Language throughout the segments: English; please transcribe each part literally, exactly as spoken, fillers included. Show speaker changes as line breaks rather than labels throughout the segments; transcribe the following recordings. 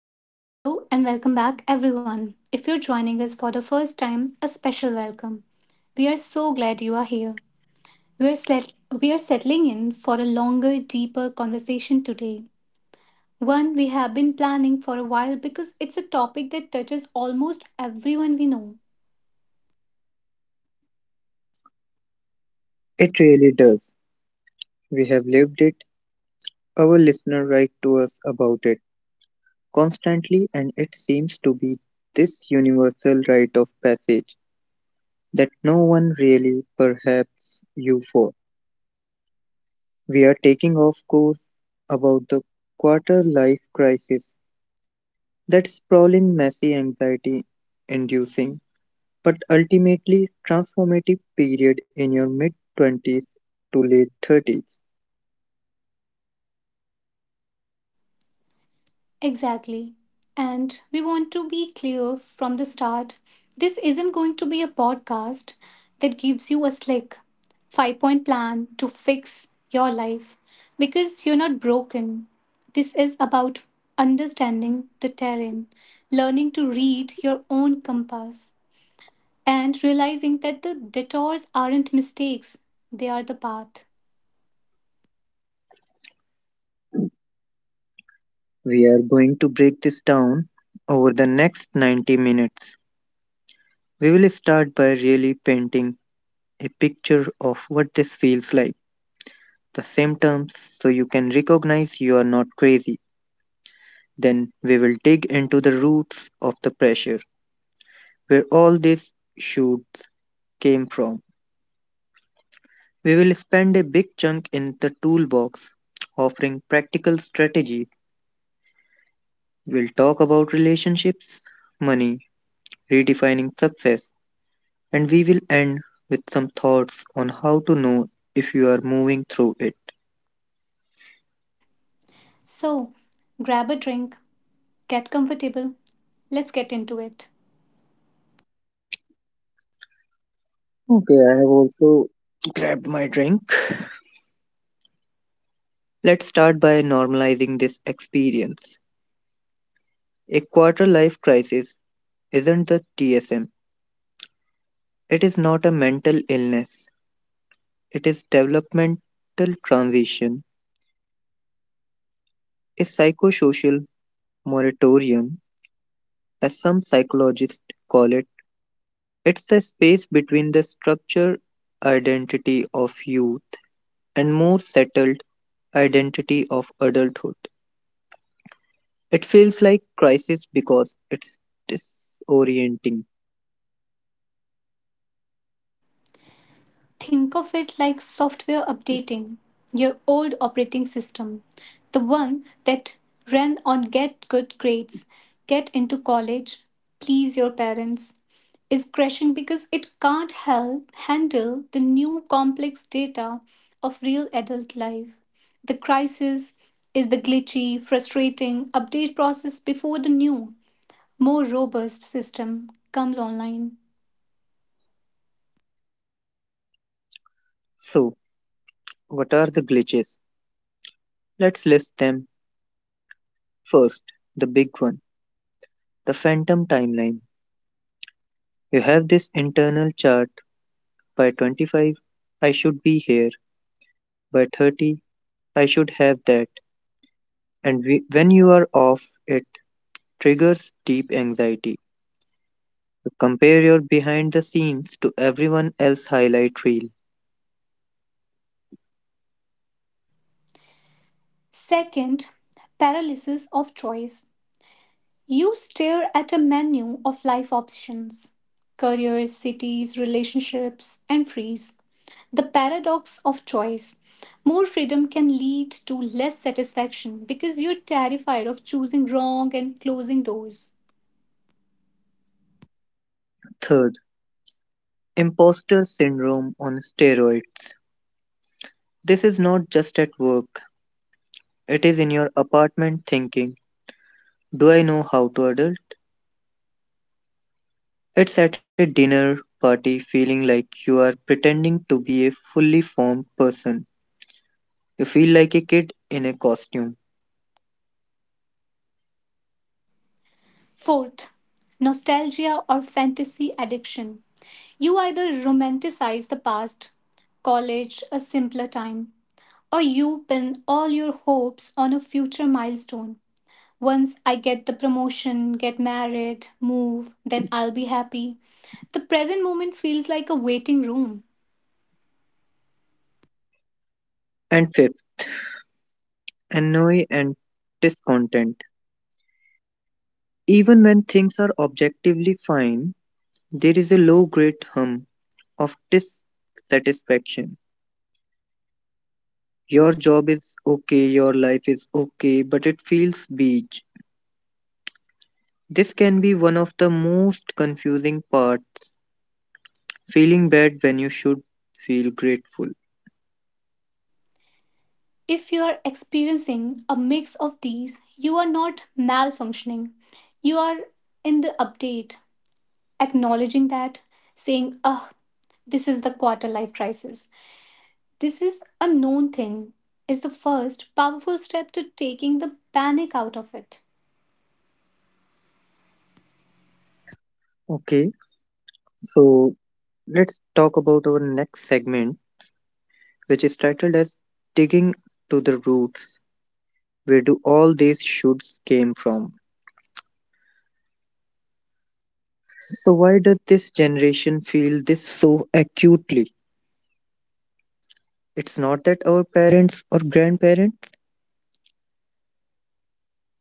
All right, hello and welcome back, everyone. If you're joining us for the first time, a special welcome. We are so glad you are here. We are, set- we are settling in for a longer, deeper conversation today. One we have been planning for a while because it's a topic that touches almost everyone we know.
It really does. We have lived it. Our listeners write to us about it constantly, and it seems to be this universal rite of passage that no one really perhaps you for. We are taking off course about the quarter life crisis that sprawling, messy, anxiety inducing, but ultimately transformative period in your mid twenties to late thirties.
Exactly. And we want to be clear from the start, this isn't going to be a podcast that gives you a slick five point plan to fix your life because you're not broken. This is about understanding the terrain, learning to read your own compass, and realizing that the detours aren't mistakes, they are the path.
We are going to break this down over the next ninety minutes. We will start by really painting a picture of what this feels like, the symptoms, so you can recognize you are not crazy. Then we will dig into the roots of the pressure, where all these shoots came from. We will spend a big chunk in the toolbox offering practical strategies. We'll talk about relationships, money, redefining success, and we will end with some thoughts on how to know if you are moving through it.
So, grab a drink, get comfortable, let's get into it.
Okay, I have also grabbed my drink. Let's start by normalizing this experience. A quarter life crisis isn't the T S M, it is not a mental illness, it is developmental transition, a psychosocial moratorium, as some psychologists call it. It's the space between the structured identity of youth and more settled identity of adulthood. It feels like crisis because it's disorienting.
Think of it like software updating your old operating system. The one that ran on get good grades, get into college, please your parents, is crashing because it can't help handle the new complex data of real adult life. The crisis is the glitchy, frustrating update process before the new, more robust system comes online.
So, what are the glitches? Let's list them first. The big one, the phantom timeline. You have this internal chart by twenty-five, I should be here, by thirty, I should have that. And we, when you are off, it triggers deep anxiety. You compare your behind the scenes to everyone else's highlight reel.
Second, paralysis of choice. You stare at a menu of life options, careers, cities, relationships, and freeze. The paradox of choice. More freedom can lead to less satisfaction because you're terrified of choosing wrong and closing doors.
Third, imposter syndrome on steroids. This is not just at work, it is in your apartment thinking, do I know how to adult? It's at a dinner party feeling like you are pretending to be a fully formed person. You feel like a kid in a costume.
Fourth, nostalgia or fantasy addiction. You either romanticize the past, college, a simpler time, or you pin all your hopes on a future milestone. Once I get the promotion, get married, move, then I'll be happy. The present moment feels like a waiting room.
And fifth, annoy and discontent. Even when things are objectively fine, there is a low grade hum of dissatisfaction. Your job is okay, your life is okay, but it feels beige. This can be one of the most confusing parts feeling bad when you should feel grateful.
If you are experiencing a mix of these, you are not malfunctioning. You are in the update. Acknowledging that, saying, oh, this is the quarter life crisis, this is a known thing, is the first powerful step to taking the panic out of it.
Okay, so let's talk about our next segment, which is titled as Digging to the Roots. Where do all these shoots came from? So, why does this generation feel this so acutely? It's not that our parents or grandparents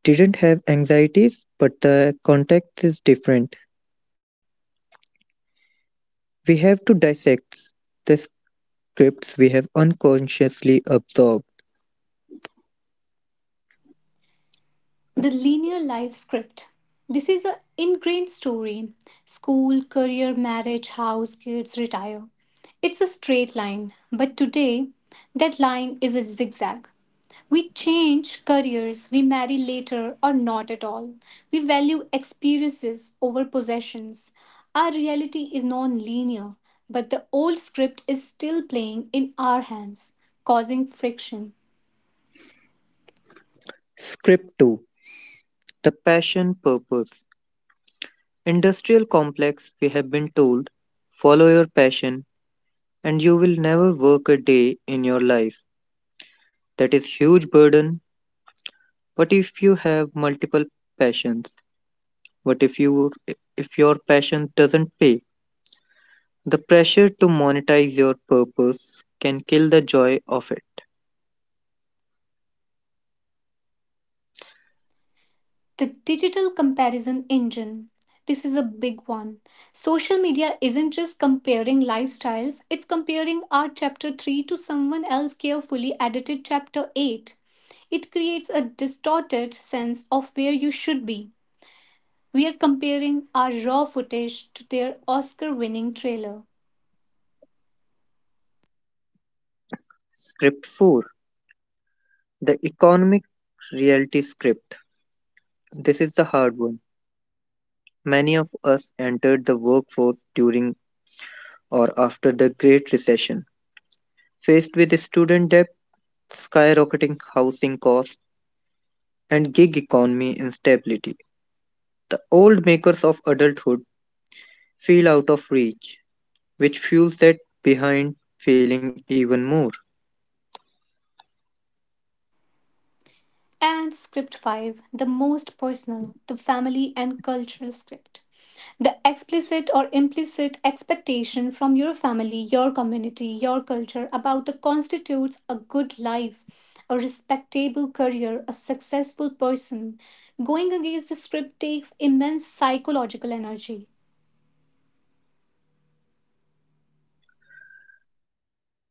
didn't have anxieties, but the context is different. We have to dissect the scripts we have unconsciously absorbed.
The linear life script. This is an ingrained story, school, career, marriage, house, kids, retire. It's a straight line, but today that line is a zigzag. We change careers, we marry later or not at all. We value experiences over possessions. Our reality is non linear, but the old script is still playing in our hands, causing friction.
Script two, the Passion Purpose Industrial complex, we have been told, follow your passion and you will never work a day in your life. That is huge burden. What if you have multiple passions? What if you if your passion doesn't pay? The pressure to monetize your purpose can kill the joy of it.
The digital comparison engine. This is a big one. Social media isn't just comparing lifestyles, it's comparing our chapter three to someone else's carefully edited chapter eight. It creates a distorted sense of where you should be. We are comparing our raw footage to their Oscar winning trailer.
Script four, the Economic Reality Script. This is the hard one. Many of us entered the workforce during or after the Great Recession. Faced with student debt, skyrocketing housing costs, and gig economy instability, the old makers of adulthood feel out of reach, which fuels that behind feeling even more.
And script five, the most personal, the family and cultural script. The explicit or implicit expectation from your family, your community, your culture about the constitutes a good life, a respectable career, a successful person. Going against the script takes immense psychological energy.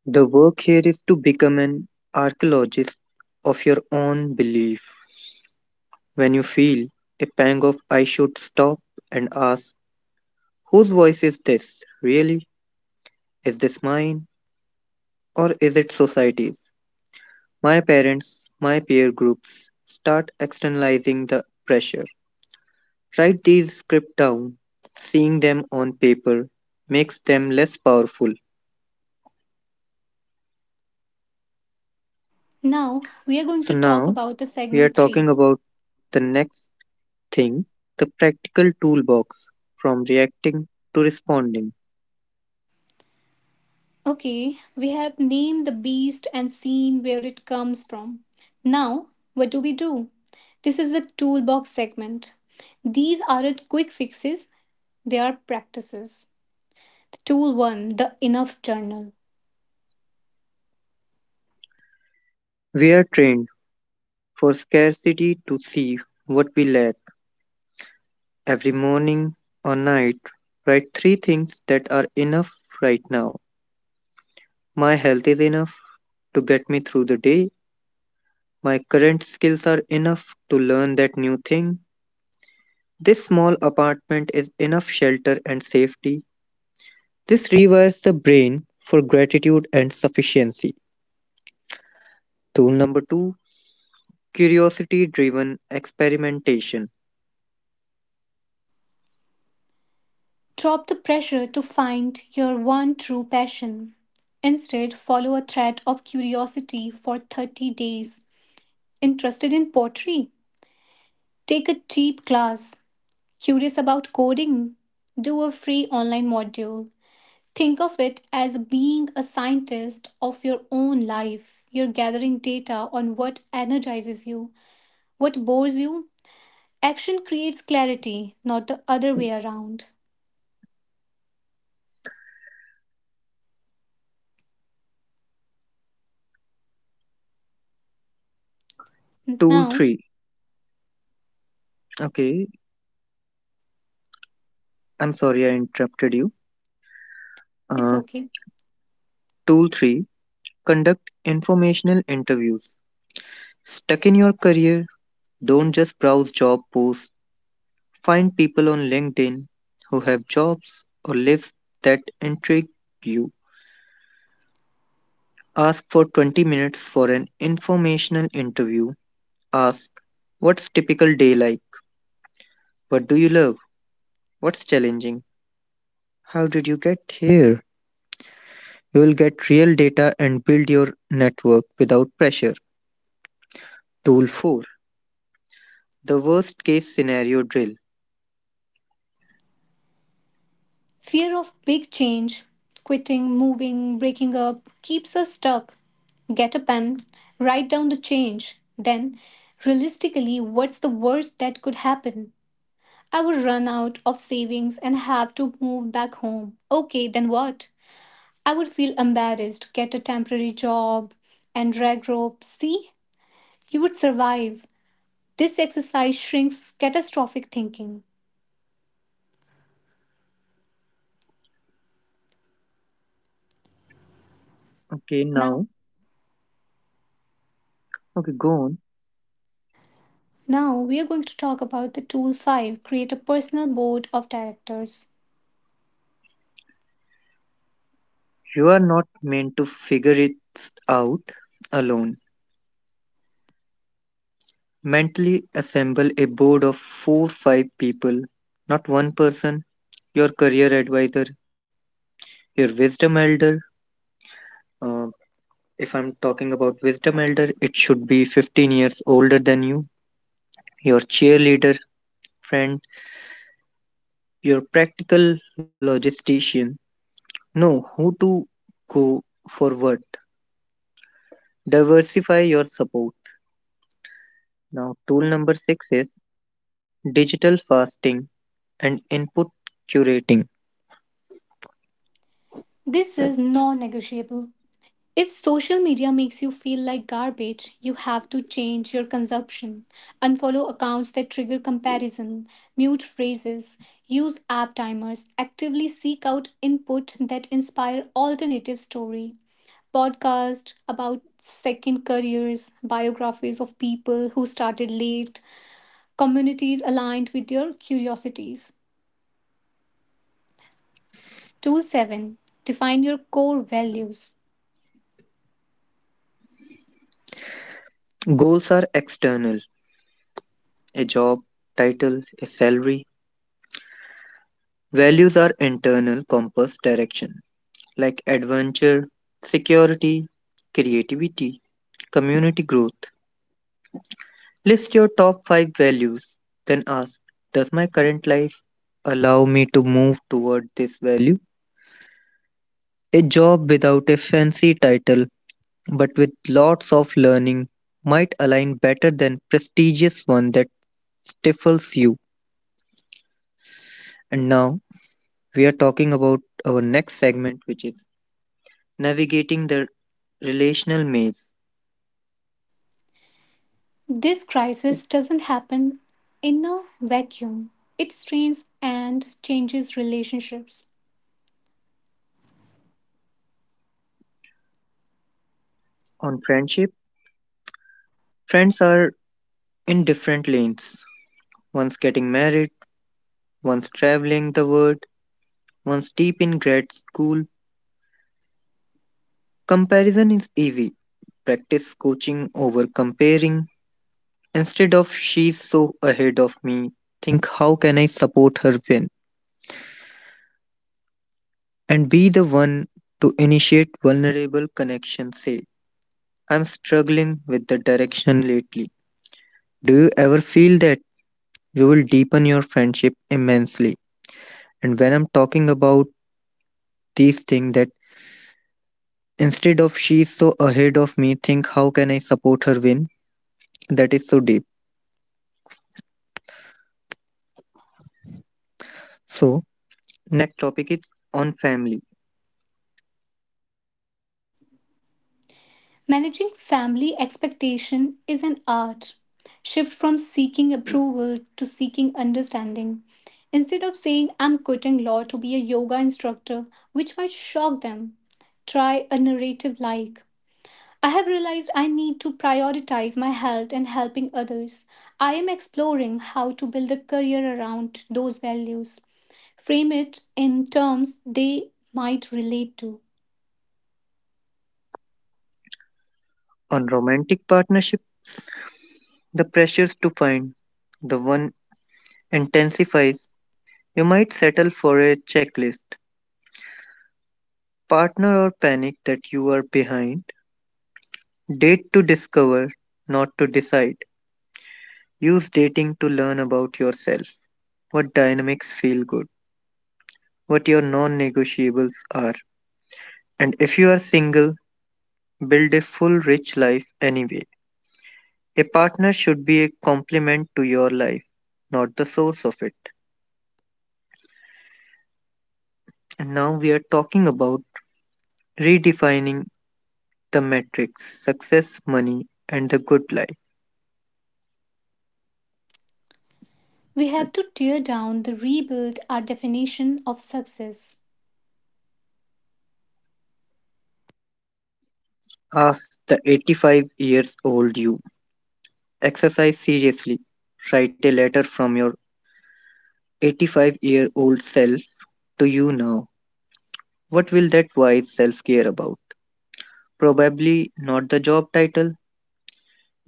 The work here is to become an archaeologist of your own belief. When you feel a pang of I should stop and ask, whose voice is this really? Is this mine or is it society's? My parents, my peer groups start externalizing the pressure. Write these scripts down. Seeing them on paper makes them less powerful.
Now, we are going
So
to talk
now
about the
we are
segment three.
talking about the next thing, the practical toolbox from reacting to responding.
Okay, we have named the beast and seen where it comes from. Now, what do we do? This is the toolbox segment. These aren't quick fixes, their practices. Tool one, the Enough Journal.
We are trained for scarcity to see what we lack. Every morning or night, write three things that are enough right now. My health is enough to get me through the day. My current skills are enough to learn that new thing. This small apartment is enough shelter and safety. This rewires the brain for gratitude and sufficiency. Tool number two, curiosity driven experimentation.
Drop the pressure to find your one true passion. Instead, follow a thread of curiosity for thirty days. Interested in pottery? Take a cheap class. Curious about coding? Do a free online module. Think of it as being a scientist of your own life. You're gathering data on what energizes you, what bores you. Action creates clarity, not the other way around.
Tool
Now,
three. Okay, I'm sorry I interrupted you.
it's
Uh,
okay.
tool three. Conduct informational interviews. Stuck in your career? Don't just browse job posts. Find people on LinkedIn who have jobs or lives that intrigue you. Ask for twenty minutes for an informational interview. Ask, what's typical day like? What do you love? What's challenging? How did you get here? You will get real data and build your network without pressure. Tool four, the worst case scenario drill.
Fear of big change, quitting, moving, breaking up, keeps us stuck. Get a pen, write down the change. Then, realistically, what's the worst that could happen? I would run out of savings and have to move back home. Okay, then what? I would feel embarrassed, get a temporary job, and drag rope. See? You would survive. This exercise shrinks catastrophic thinking.
Okay,
Now,
now, okay, go on.
now we are going to talk about the tool five, create a personal board of directors.
You are not meant to figure it out alone. Mentally assemble a board of four five people, not one person, your career advisor, your wisdom elder. Uh, if I'm talking about wisdom elder, it should be fifteen years older than you, your cheerleader friend, your practical logistician, know who to go forward. Diversify your support. Now, tool number six is digital fasting and input curating.
This is non negotiable. If social media makes you feel like garbage, you have to change your consumption. Unfollow accounts that trigger comparison, mute phrases, use app timers, actively seek out input that inspire alternative story, podcast about second careers, biographies of people who started late, communities aligned with your curiosities. Tool seven, define your core values.
Goals are external, a job, title, a salary. Values are internal compass direction like adventure, security, creativity, community growth. List your top five values, then ask, does my current life allow me to move toward this value? A job without a fancy title but with lots of learning might align better than prestigious one that stifles you. And now we are talking about our next segment which is navigating the relational maze.
This crisis doesn't happen in a vacuum, it strains and changes relationships.
On friendship, friends are in different lanes. One's getting married, one's traveling the world, one's deep in grad school. Comparison is easy. Practice coaching over comparing. Instead of she's so ahead of me, think how can I support her win and be the one to initiate vulnerable connection, say I'm struggling with the direction lately. Do you ever feel that you will deepen your friendship immensely? And when I'm talking about these things that instead of she's so ahead of me, think how can I support her win? That is so deep. So next topic is on family.
Managing family expectation is an art. Shift from seeking approval to seeking understanding. Instead of saying I'm quitting law to be a yoga instructor, which might shock them, try a narrative like, I have realized I need to prioritize my health and helping others. I am exploring how to build a career around those values. Frame it in terms they might relate to.
On romantic partnership, the pressures to find the one intensifies, you might settle for a checklist, partner, or panic that you are behind. Date to discover, not to decide. Use dating to learn about yourself, what dynamics feel good, what your non negotiables are. And if you are single, build a full, rich life anyway. A partner should be a complement to your life, not the source of it. And now we are talking about redefining the metrics success, money, and the good life.
We have to tear down the rebuild our definition of success.
Ask the eighty-five years old you. Exercise seriously. Write a letter from your eighty-five year old self to you now. What will that wise self care about? Probably not the job title.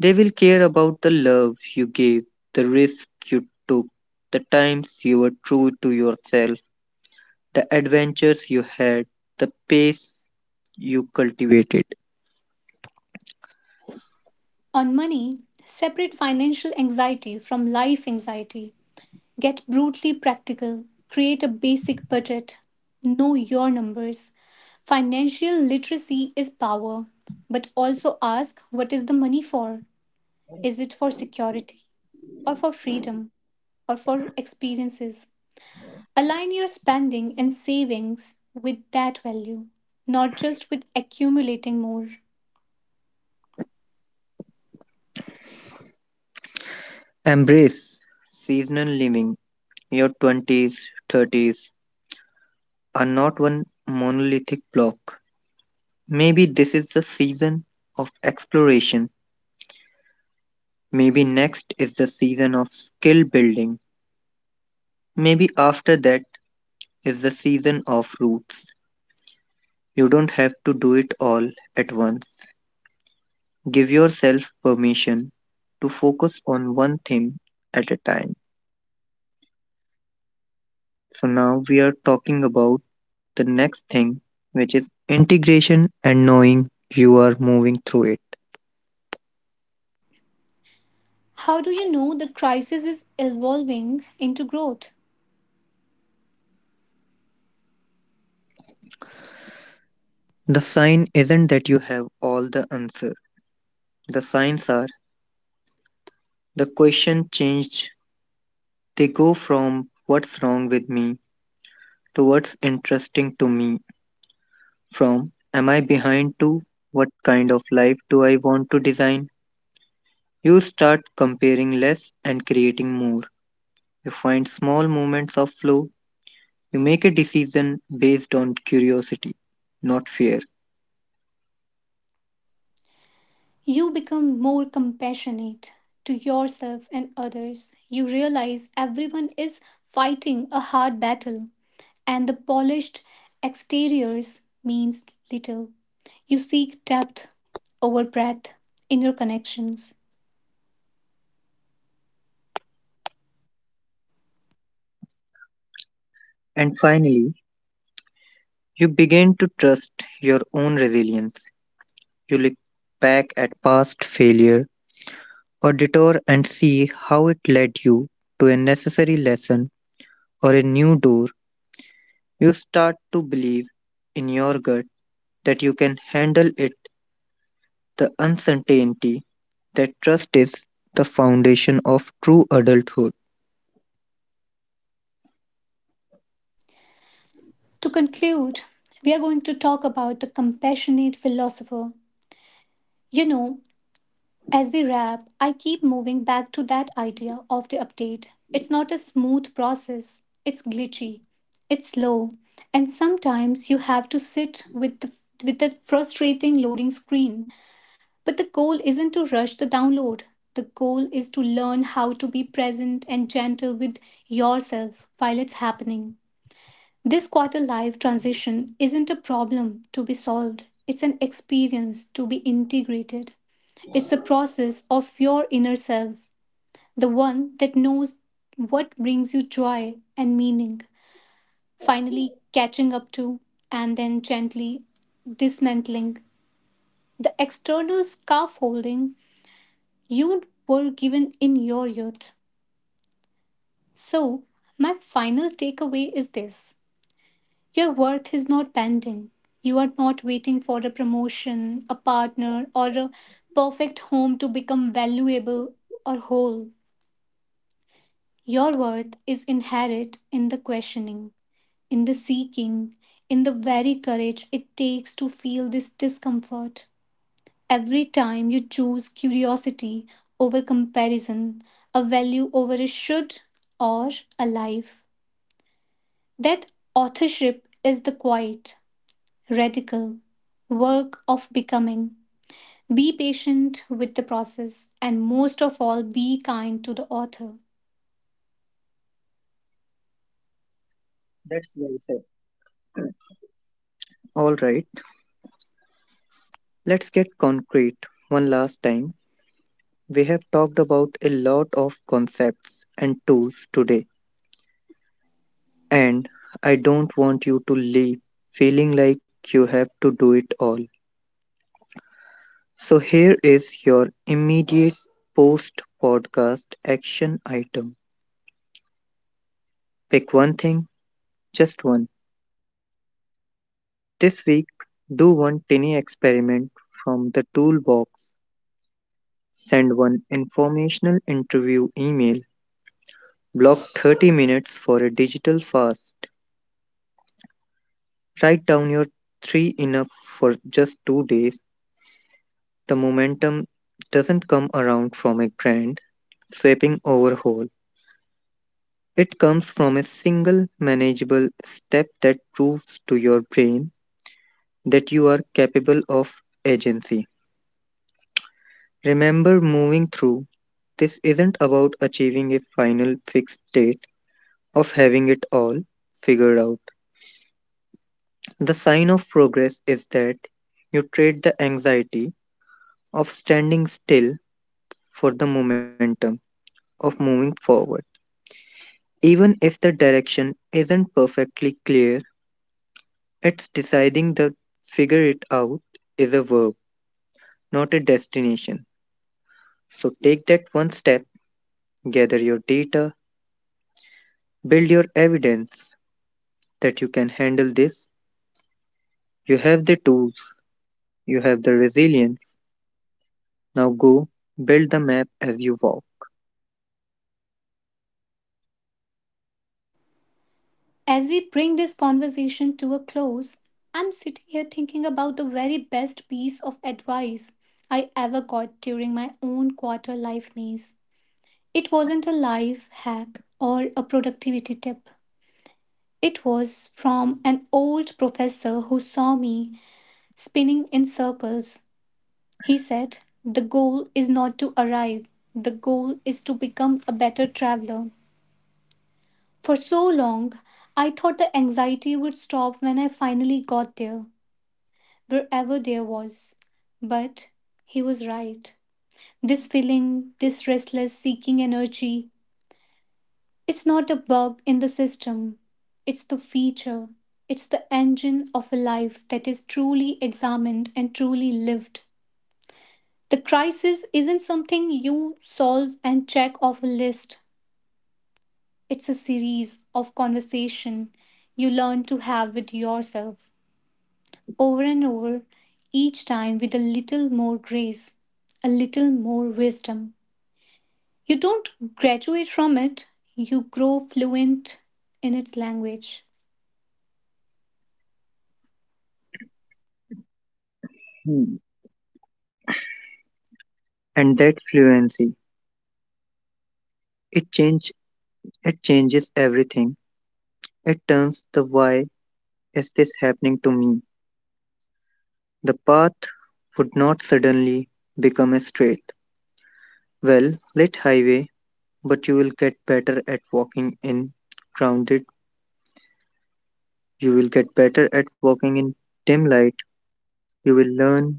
They will care about the love you gave, the risk you took, the times you were true to yourself, the adventures you had, the pace you cultivated.
On money, separate financial anxiety from life anxiety. Get brutally practical. Create a basic budget. Know your numbers. Financial literacy is power, but also ask, what is the money for? Is it for security or for freedom or for experiences? Align your spending and savings with that value, not just with accumulating more.
Embrace seasonal living, your twenties, thirties, are not one monolithic block. Maybe this is the season of exploration. Maybe next is the season of skill building. Maybe after that is the season of roots. You don't have to do it all at once. Give yourself permission to focus on one thing at a time. So now we are talking about the next thing, which is integration and knowing you are moving through it.
How do you know the crisis is evolving into growth?
The sign isn't that you have all the answers. The signs are the question changed. They go from what's wrong with me to what's interesting to me, from am I behind to what kind of life do I want to design. You start comparing less and creating more. You find small moments of flow. You make a decision based on curiosity, not fear.
You become more compassionate to yourself and others. You realize everyone is fighting a hard battle, and the polished exteriors means little. You seek depth over breadth in your connections.
And finally, you begin to trust your own resilience. You look back at past failures or detour and see how it led you to a necessary lesson or a new door, you start to believe in your gut that you can handle it, the uncertainty that trust is the foundation of true adulthood.
To conclude, we are going to talk about the compassionate philosopher. You know, as we wrap, I keep moving back to that idea of the update. It's not a smooth process, it's glitchy, it's slow, and sometimes you have to sit with the, with the frustrating loading screen. But the goal isn't to rush the download. The goal is to learn how to be present and gentle with yourself while it's happening. This quarter life transition isn't a problem to be solved, it's an experience to be integrated. It's the process of your inner self, the one that knows what brings you joy and meaning, finally catching up to and then gently dismantling the external scaffolding you were given in your youth. So, my final takeaway is this: your worth is not pending. You are not waiting for a promotion, a partner, or a perfect home to become valuable or whole. Your worth is inherent in the questioning, in the seeking, in the very courage it takes to feel this discomfort. Every time you choose curiosity over comparison, a value over a should, or a life, that authorship is the quiet, radical work of becoming. Be patient with the process and most of all, be kind to the author.
That's well said. All right, let's get concrete one last time. We have talked about a lot of concepts and tools today, and I don't want you to leave feeling like you have to do it all. So here is your immediate post podcast action item. Pick one thing, just one. This week, do one tiny experiment from the toolbox. Send one informational interview email. Block thirty minutes for a digital fast. Write down your three enough for just two days. The momentum doesn't come around from a grand sweeping overhaul. It comes from a single manageable step that proves to your brain that you are capable of agency. Remember moving through, this isn't about achieving a final fixed state of having it all figured out. The sign of progress is that you trade the anxiety of standing still for the momentum of moving forward. Even if the direction isn't perfectly clear, it's deciding the figure it out is a verb not a destination. So take that one step, gather your data, build your evidence that you can handle this. You have the tools, you have the resilience. Now go build the map as you walk.
As we bring this conversation to a close, I'm sitting here thinking about the very best piece of advice I ever got during my own quarter life maze. It wasn't a life hack or a productivity tip. It was from an old professor who saw me spinning in circles. He said, the goal is not to arrive, the goal is to become a better traveler. For so long, I thought the anxiety would stop when I finally got there, wherever there was. But he was right. This feeling, this restless seeking energy, it's not a bug in the system, it's the feature, it's the engine of a life that is truly examined and truly lived. The crisis isn't something you solve and check off a list, it's a series of conversation you learn to have with yourself, over and over, each time with a little more grace, a little more wisdom. You don't graduate from it, you grow fluent in its language.
Hmm. And that fluency, it change it changes everything. It turns the why is this happening to me? The path would not suddenly become a straight, well lit highway, but you will get better at walking in grounded you will get better at walking in dim light. You will learn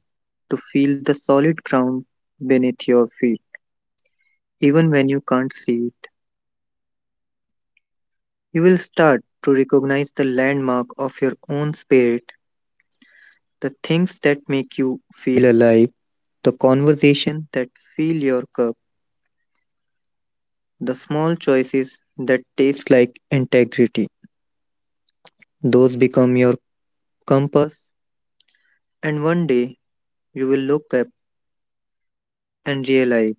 to feel the solid ground beneath your feet. Even when you can't see it, you will start to recognize the landmark of your own spirit, the things that make you feel alive, the conversation that fill your cup, the small choices that taste like integrity. Those become your compass, and one day you will look up and realize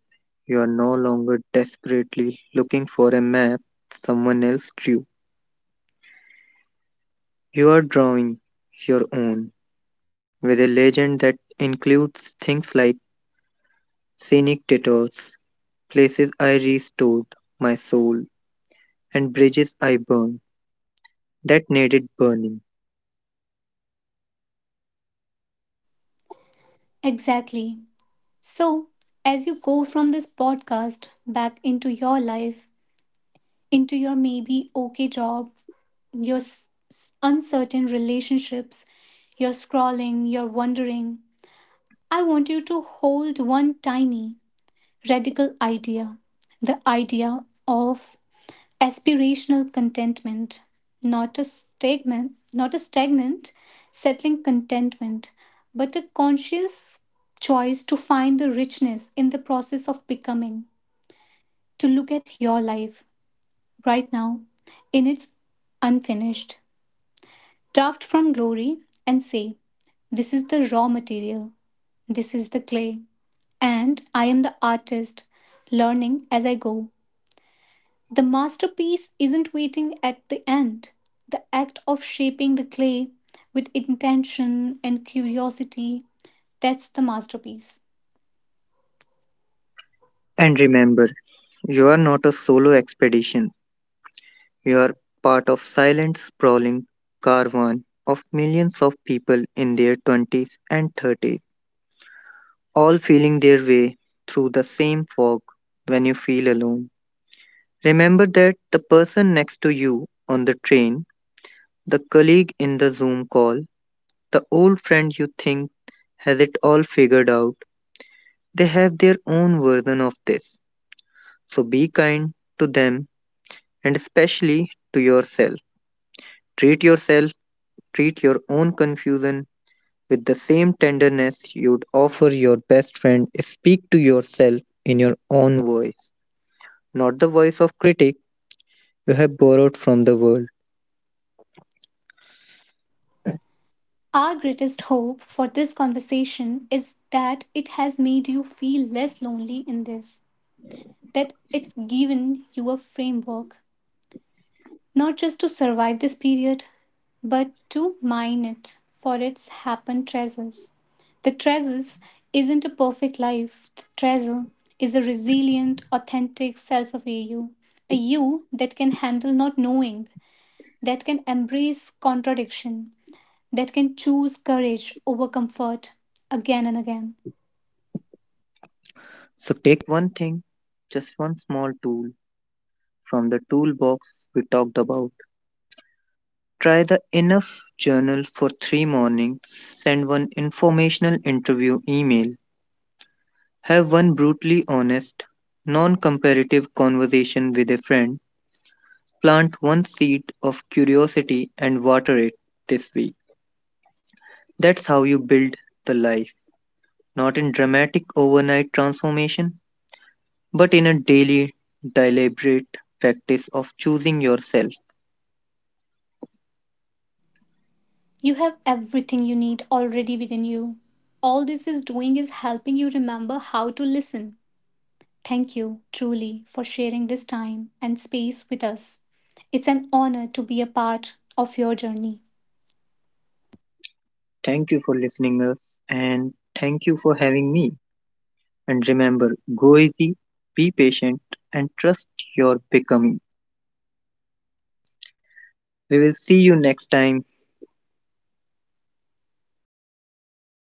you are no longer desperately looking for a map someone else drew. You are drawing your own with a legend that includes things like scenic detours, places I restored my soul, and bridges I burned that needed burning.
Exactly. So, as you go from this podcast back into your life, into your maybe okay job, your s- s- uncertain relationships, your scrolling, your wondering, I want you to hold one tiny, radical idea, the idea of aspirational contentment, not a stagnant, not a stagnant, settling contentment, but a conscious choice to find the richness in the process of becoming, to look at your life right now in its unfinished, draft from glory and say, this is the raw material, this is the clay, and I am the artist learning as I go. The masterpiece isn't waiting at the end. The act of shaping the clay with intention and curiosity, that's the masterpiece.
And remember, you are not a solo expedition. You are part of silent sprawling caravan of millions of people in their twenties and thirties all feeling their way through the same fog when you feel alone. Remember that the person next to you on the train, the colleague in the Zoom call, the old friend you think has it all figured out, they have their own version of this. So be kind to them and especially to yourself. Treat yourself, treat your own confusion with the same tenderness you'd offer your best friend. Speak to yourself in your own voice, not the voice of critic you have borrowed from the world.
Our greatest hope for this conversation is that it has made you feel less lonely in this, that it's given you a framework not just to survive this period, but to mine it for its happened treasures. The treasures isn't a perfect life, the treasure is a resilient, authentic self of you, a you that can handle not knowing, that can embrace contradiction, that can choose courage over comfort again and again.
So take one thing, just one small tool from the toolbox we talked about. Try the enough journal for three mornings, send one informational interview email, have one brutally honest, non comparative conversation with a friend, plant one seed of curiosity and water it this week. That's how you build the life, not in dramatic overnight transformation, but in a daily, deliberate practice of choosing yourself.
You have everything you need already within you. All this is doing is helping you remember how to listen. Thank you, truly, for sharing this time and space with us. It's an honor to be a part of your journey.
Thank you for listening us and thank you for having me. And remember, go easy, be patient and trust your becoming. We will see you next time.